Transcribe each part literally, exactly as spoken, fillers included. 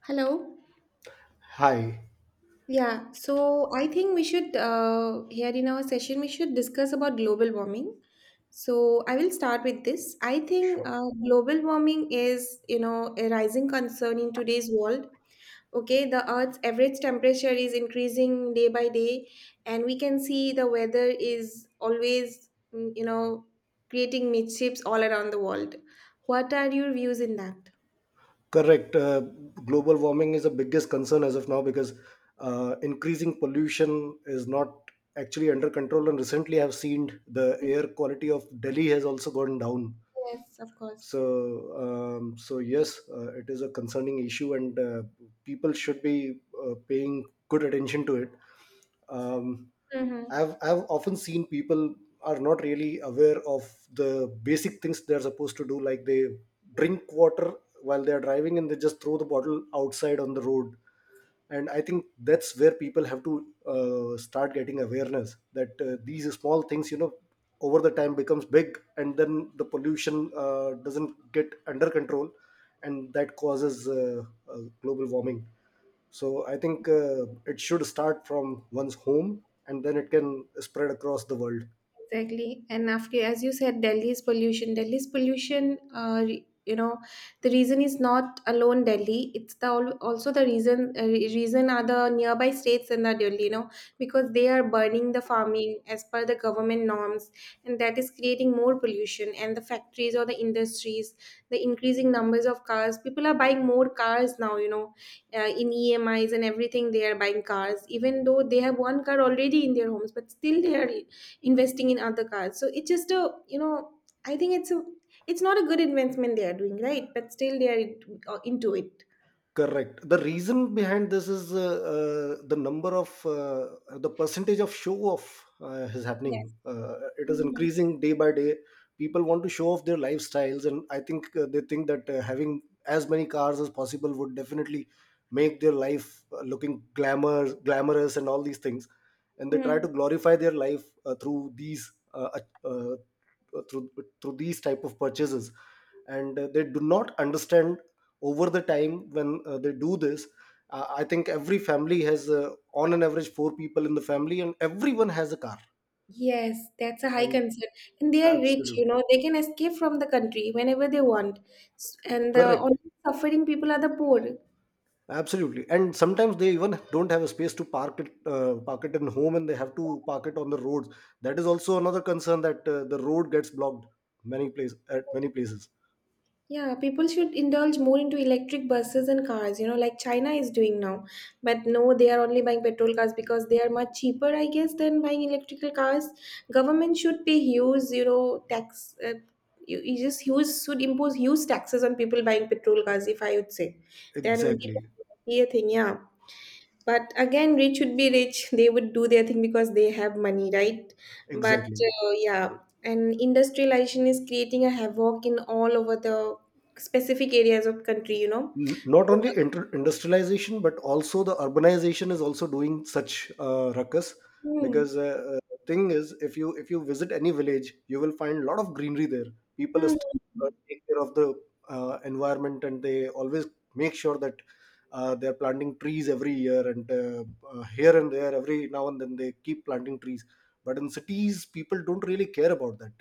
Hello. Hi. Yeah, so I think we should, uh, here in our session, we should discuss about global warming. So I will start with this. I think Sure. uh, global warming is, you know, a rising concern in today's world. Okay, the Earth's average temperature is increasing day by day, and we can see the weather is always, mm, you know, creating mischiefs all around the world. What are your views in that? Correct. Uh, global warming is the biggest concern as of now because uh, increasing pollution is not actually under control. And recently, I've seen the air quality of Delhi has also gone down. Yes, of course. so um, so yes, uh, it is a concerning issue, and uh, people should be uh, paying good attention to it um, Mm-hmm. I've, I've often seen people are not really aware of the basic things they're supposed to do, like they drink water while they're driving and they just throw the bottle outside on the road. And I think that's where people have to uh, start getting awareness, that uh, these small things you know over the time becomes big, and then the pollution uh, doesn't get under control, and that causes uh, uh, global warming. So I think uh, it should start from one's home, and then it can spread across the world. Exactly. And after, as you said, Delhi's pollution. Delhi's pollution, uh, re- you know, the reason is not alone Delhi. It's the al- also the reason uh, re- reason are the nearby states and the Delhi, you know, because they are burning the farming as per the government norms, and that is creating more pollution. And the factories or the industries, the increasing numbers of cars. People are buying more cars now, you know, uh, in E M I's and everything. They are buying cars, even though they have one car already in their homes, but still they are investing in other cars. So it's just a, you know I think it's a, it's not a good investment they are doing, right? But still they are into, uh, into it. Correct. The reason behind this is uh, uh, the number of uh, the percentage of show off uh, is Yes. happening. Uh, it is Mhm. increasing day by day. People want to show off their lifestyles, and I think uh, they think that uh, having as many cars as possible would definitely make their life uh, looking glamour, glamorous, and all these things. And they try Hmm. to glorify their life uh, through these uh, uh, uh, through through these type of purchases. And uh, they do not understand, over the time when uh, they do this, uh, I think every family has uh, on an average four people in the family, and everyone has a car, Yes, that's a high and concern. And they are rich, you absolutely, know, they can escape from the country whenever they want. S- And the correct, only suffering people are the poor. absolutely. And sometimes they even don't have a space to park it, uh, park it in home, and they have to park it on the roads. That is also another concern, that uh, the road gets blocked many places at many places. Yeah, people should indulge more into electric buses and cars, you know, like China is doing now. But no, they are only buying petrol cars because they are much cheaper, I guess, than buying electrical cars. Government should pay huge, you know, tax. Uh, you, you just huge should impose huge taxes on people buying petrol cars, if I would say. Then it Exactly, would be a thing. Yeah, but again, rich would be rich. They would do their thing because they have money, right? But exactly. uh, yeah. And industrialization is creating a havoc in all over the specific areas of country you know n- Not only inter- industrialization but also the urbanization is also doing such uh, ruckus, Hmm. because uh, uh, thing is, if you if you visit any village you will find a lot of greenery there. People Hmm. still uh, take care of the uh, environment, and they always make sure that uh, they are planting trees every year, and uh, uh, here and there, every now and then, they keep planting trees. But in cities people don't really care about that.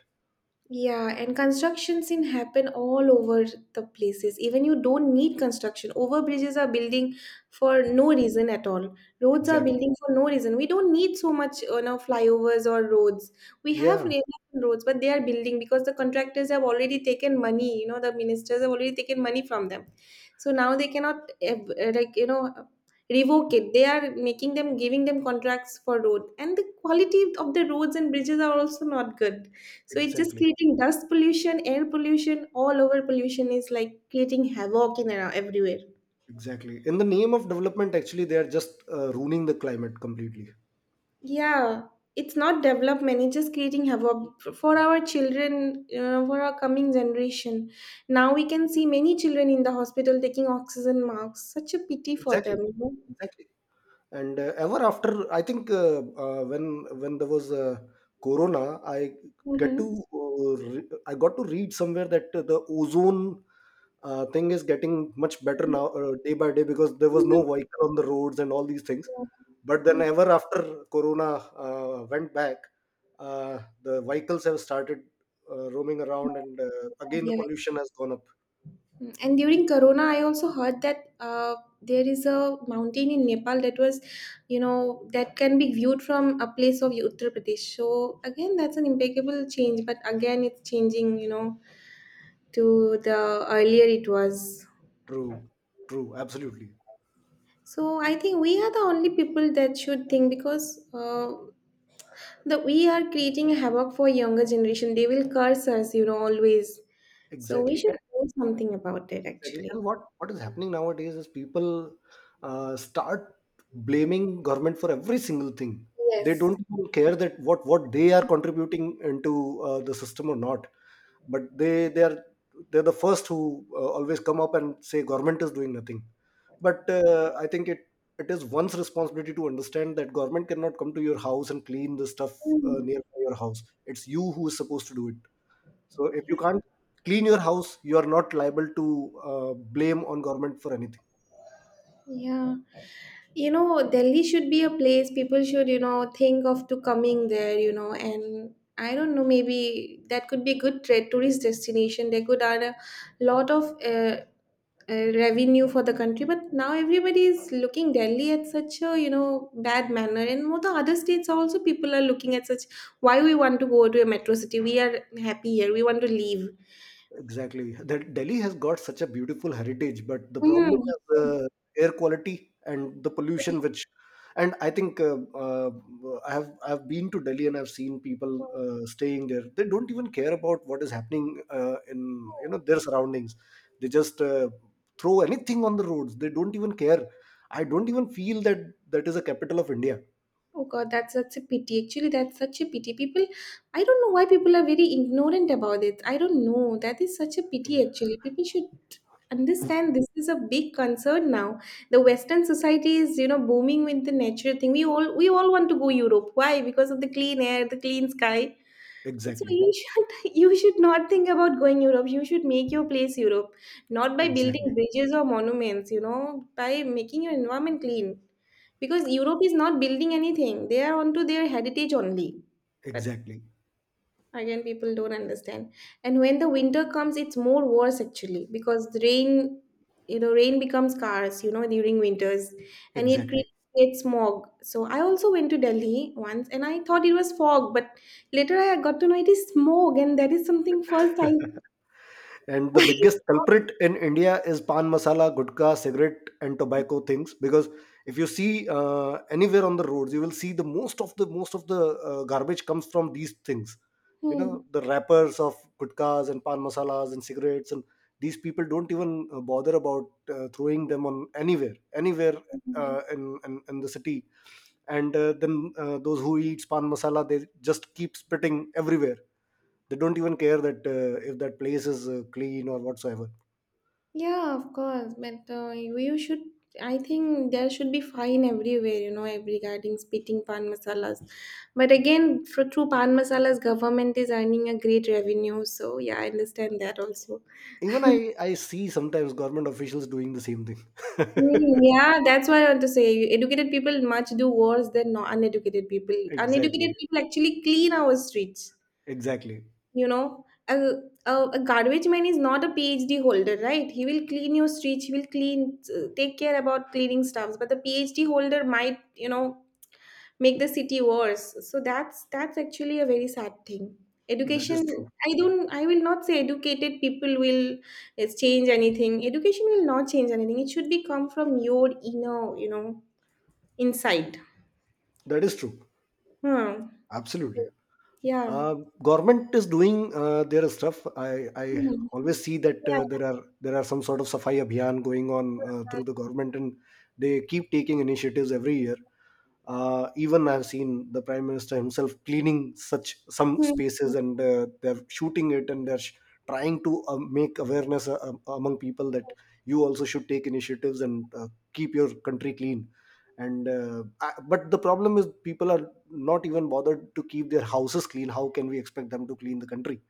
Yeah, and construction scene happen all over the places. Even you don't need construction. Over bridges are building for no reason at all. Roads are Exactly, building for no reason. We don't need so much uh, you know flyovers or roads. We have yeah, enough roads, but they are building because the contractors have already taken money. You know, the ministers have already taken money from them. So now they cannot eh, eh, like, you know revoke it. They are making them giving them contracts for road, and the quality of the roads and bridges are also not good, so it's just exactly. creating dust pollution, air pollution, all over pollution is like creating havoc in around everywhere. Exactly. In the name of development, actually, they are just uh, ruining the climate completely. Yeah, it's not development, it's just creating havoc f- for our children, you know, for our coming generation. Now we can see many children in the hospital taking oxygen masks. Such a pity for them, Exactly. you know. Exactly. And uh, ever after, I think uh, uh, when when there was uh, Corona, I get to Mm-hmm. uh, re- I got to read somewhere that the ozone uh, thing is getting much better now uh, day by day, because there was no vehicle on the roads and all these things. But then Yeah, ever after Corona uh, went back, uh, the vehicles have started uh, roaming around, and uh, again the yeah. pollution has gone up. Mm, And during Corona, I also heard that uh, there is a mountain in Nepal that was, you know, that can be viewed from a place of Uttar Pradesh. So again, that's an impeccable change, but again, it's changing, you know, to the earlier it was. True, true, absolutely, So I think we are the only people that should think because uh, the we are creating havoc for younger generation. They will curse us, you know, always. So we exactly, should and- do something about it, exactly. actually. And what what is happening nowadays is, people uh, start blaming government for every single thing. They Yes. don't even care that what what they are contributing into uh, the system or not. But they they are they're the first who uh, always come up and say government is doing nothing. But uh, I think, it it is one's responsibility to understand that government cannot come to your house and clean the stuff uh, Mm, nearby your house. It's you who is supposed to do it. So if you can't clean your house, you are not liable to uh, blame on government for anything. yeah. you know delhi should be a place people should you know think of to coming there, you know and I don't know, maybe that could be a good tra- tourist destination. They could add a lot of uh, uh, revenue for the country, but now everybody is looking delhi at such a you know bad manner. And more, the other states also people are looking at such, why we want to go to a metro city? We are happy here, we want to leave. Exactly. That Delhi has got such a beautiful heritage, but the problem is the air quality and the pollution, which, and I think uh, uh, I have I've been to Delhi, and I've seen people uh, staying there. They don't even care about what is happening uh, in you Hmm. know their surroundings. They just uh, throw anything on the roads. They don't even care. I don't even feel that that is a capital of India. Oh God, that's such a pity. Actually, that's such a pity. People, I don't know why people are very ignorant about it. I don't know. That is such a pity, actually. People should understand this is a big concern now. The Western society is, you know, booming with the natural thing. We all we all want to go Europe. Why? Because of the clean air, the clean sky. So Exactly. you should you should not think about going Europe. You should make your place Europe, not by building Exactly. bridges or monuments, you know, by making your environment clean. Because Europe is not building anything. They are onto their heritage only. Exactly. Again, people don't understand. And when the winter comes, it's more worse, actually, because the rain you know rain becomes scarce, you know during winters. And it cre- Exactly. creates smog. So I also went to Delhi once and I thought it was fog, but later I got to know it is smog. And that is something first I And the biggest culprit in India is pan masala, gutka, cigarette, and tobacco things. Because if you see uh, anywhere on the roads, you will see the most of the most of the uh, garbage comes from these things. You know, the wrappers of gutkas and pan masalas and cigarettes, and these people don't even uh, bother about uh, throwing them on anywhere, anywhere Hmm. uh, in, in in the city. And uh, then uh, those who eat pan masala, they just keep spitting everywhere. They don't even care that uh, if that place is uh, clean or whatsoever. Yeah, of course, but uh, you you should. I think there should be fine everywhere, you know, ev- regarding spitting pan masalas. But again, for, through pan masalas, government is earning a great revenue. So yeah, I understand that also. Even i i see sometimes government officials doing the same thing. Mm, yeah, that's what I want to say. Educated people much do worse than non uneducated people. Uneducated Exactly, people actually clean our streets. exactly. you know a, a, a garbage man is not a phd holder, right? He will clean your streets. He will clean, uh, take care about cleaning stuffs. But the phd holder might you know make the city worse. So that's that's actually a very sad thing. That Education, is true, i don't I will not say educated people will uh, change anything. Education will not change anything. It should be come from your inner, you know inside. that is true, Hmm. absolutely. Yeah. Uh, Government is doing uh, their stuff. I, I Hmm. always see that uh, Yeah. there are there are some sort of Safai Abhiyan going on uh, through the government, and they keep taking initiatives every year. Uh, even I've seen the Prime Minister himself cleaning such some Hmm. spaces, and uh, they're shooting it, and they're sh- trying to uh, make awareness uh, um, among people, that you also should take initiatives and uh, keep your country clean and uh, I, but the problem is people are not even bothered to keep their houses clean. How can we expect them to clean the country?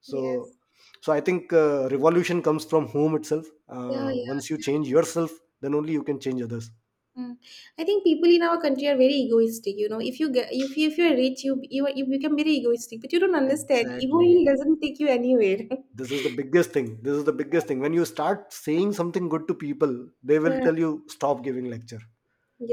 so Yes. so I think uh, revolution comes from home itself. Yeah. Uh, Yeah. once you change yourself, then only you can change others. Mm. I think people in our country are very egoistic. You know, if you get if you if you're rich, you you you become very egoistic. But you don't understand. Ego Exactly. doesn't take you anywhere. this is the biggest thing this is the biggest thing when you start saying something good to people, they will Mm. tell you, stop giving lecture,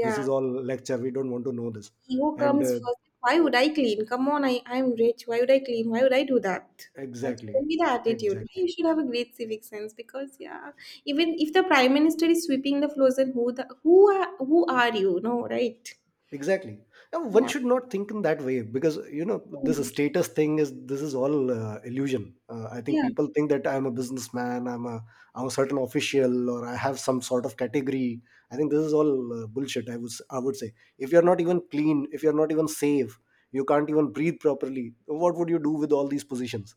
this is all lecture, we don't want to know this. ego And comes uh, first. Why would I clean? Come on, I I'm rich. Why would I clean? Why would I do that? That shouldn't Exactly, be the attitude. exactly. You should have a great civic sense because yeah, even if the prime minister is sweeping the floors, and who the who are who are you? No, right? Exactly. And one Yeah, should not think in that way, because you know, this status thing is this is all uh, illusion. Uh, I think yeah. people think that I'm a businessman, I'm a I'm a certain official, or I have some sort of category. I think this is all uh, bullshit. I would s- I would say, if you're not even clean, if you're not even safe, you can't even breathe properly. What would you do with all these positions?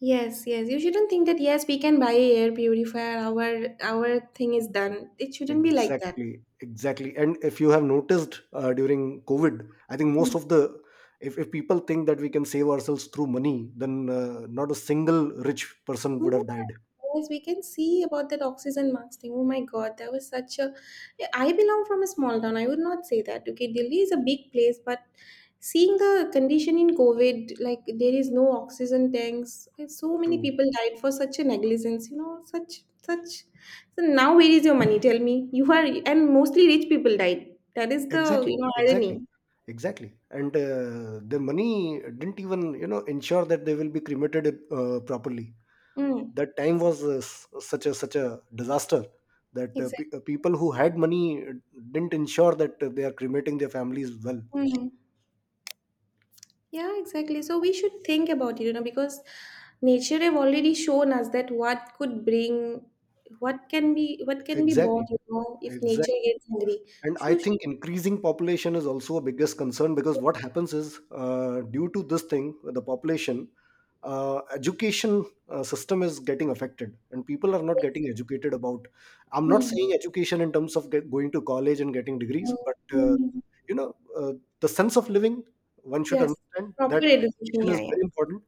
Yes, yes. You shouldn't think that yes, we can buy a air purifier, our our thing is done. It shouldn't be like that. Exactly, exactly. And if you have noticed uh, during COVID, I think, most of the if, if people think that we can save ourselves through money, then uh, not a single rich person would Yeah. have died. Yes, we can see about that oxygen mask thing. Oh my God, that was such a. Yeah, I belong from a small town. I would not say that. Okay, Delhi is a big place, but seeing the condition in COVID, like there is no oxygen tanks. And so many True. people died for such a negligence. You know, such such. So now where is your money? Tell me. You are and mostly rich people died. That is the you Exactly, know exactly, irony. exactly. And uh, the money didn't even you know ensure that they will be cremated uh, properly. Mm, That time was uh, s- such a such a disaster, that uh, pe- uh, exactly. people who had money didn't ensure that uh, they are cremating their families well. Mm. Yeah, exactly. So we should think about it, you know, because nature have already shown us that what could bring, what can be, what can be bought, Exactly, you know, if exactly. nature gets hungry. And I Sure, think sure. increasing population is also a biggest concern, because what happens is, uh, due to this thing, the population, uh, education uh, system is getting affected, and people are not getting educated about. I'm not Hmm. saying education in terms of get, going to college and getting degrees, but uh, Mm. you know, uh, the sense of living, one should Yes, understand proper that education. education is Yeah, yeah, very important.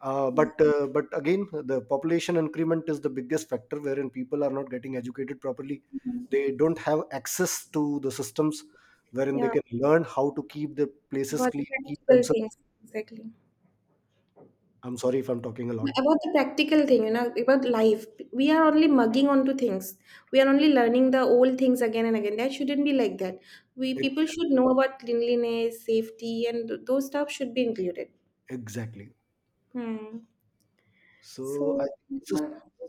Uh, but uh, but again, the population increment is the biggest factor, wherein people are not getting educated properly. They don't have access to the systems wherein they yeah. can learn how to keep the places About the clean, keep practical themselves. things, exactly. I'm sorry if I'm talking a lot. About the practical thing, you know, about life, we are only mugging onto things. We are only learning the old things again and again. That shouldn't be like that. We people Exa- should know about cleanliness, safety, and th- those stuff should be included. exactly. Hmm. So I So, this is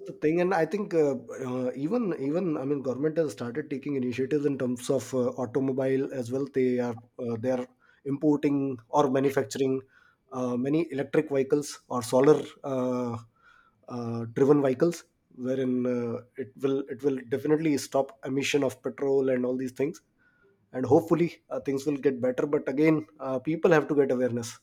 the thing. And I think uh, uh, even even I mean, government has started taking initiatives in terms of uh, automobile as well. They are uh, they are importing or manufacturing uh, many electric vehicles or solar uh, uh, driven vehicles, wherein uh, it will it will definitely stop emission of petrol and all these things. And hopefully uh, things will get better. But again, uh, people have to get awareness.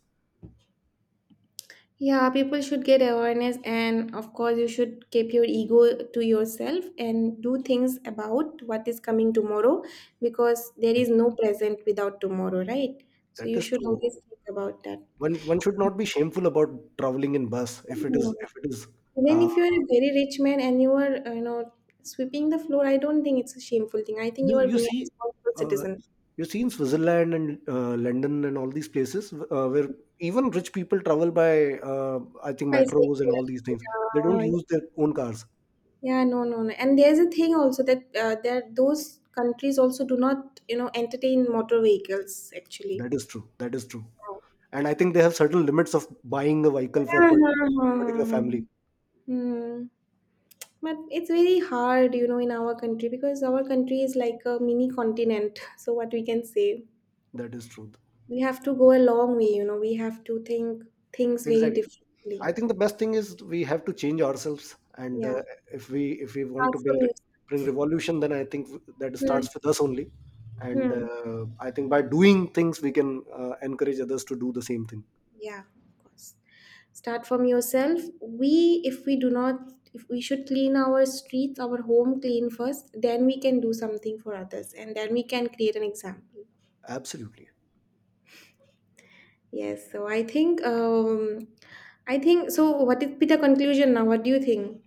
yeah, people should get awareness, and of course, you should keep your ego to yourself and do things about what is coming tomorrow, because there is no present without tomorrow, right? So That you is should true. always think about one one should not be shameful about traveling in bus if it is that. if it is Even uh, if you are a very rich man and you are, uh, you know, sweeping the floor, I don't think it's a shameful thing. I think you you are you being a see responsible uh, citizen. you see in Switzerland and uh, London and all these places uh, where even rich people travel by uh, I think Bicycle. metros and all these things. They don't Yeah, use their own cars. yeah, no, no, no. And there's a thing also that uh, there those countries also do not, you know, entertain motor vehicles actually. That is true, that is true. Uh-huh. And I think they have certain limits of buying a vehicle for part- particular family. Hmm. But it's very hard, you know, in our country because our country is like a mini continent. So what we can say. That is true. We have to go a long way, you know, we have to think things very Exactly. differently. I think the best thing is, we have to change ourselves. And Yeah, uh, if we if we want start to from bring re- bring revolution, then I think that starts with yourself. us only. Hmm, And hmm. uh, I think by doing things we can uh, encourage others to do the same thing. Yeah, of course. Start from yourself. We, if we do not, if we should clean our streets, our home clean first, then we can do something for others, and then we can create an example. Absolutely. Yes, so I think, um, I think, so what is be the conclusion now? What do you think?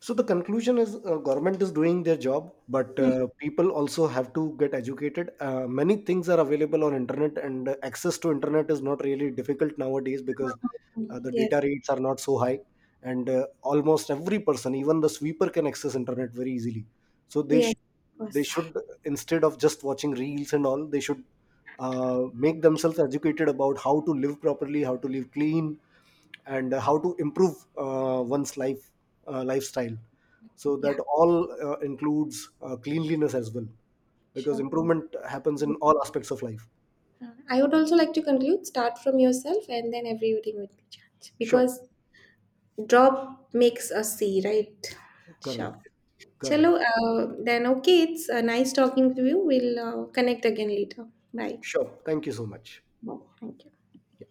So the conclusion is, uh, government is doing their job, but Hmm, uh, people also have to get educated. Uh, many things are available on internet, and uh, access to internet is not really difficult nowadays, because hmm. uh, the Yes, data rates are not so high, and uh, almost every person, even the sweeper, can access internet very easily. So they yes, sh- of they course. should instead of just watching reels and all, they should uh, make themselves educated about how to live properly, how to live clean, and uh, how to improve uh, one's life uh, lifestyle, so Yeah, that all uh, includes uh, cleanliness as well, because sure. improvement happens in all aspects of life. Uh, I would also like to conclude start from yourself and then everything will be changed Sure. because drop makes a sea, right? Sure. Correct, correct. Chalo, uh, then okay, it's uh, nice talking to you. We'll uh, connect again later. Bye. Sure, thank you so much. Bye. Thank you. Yeah.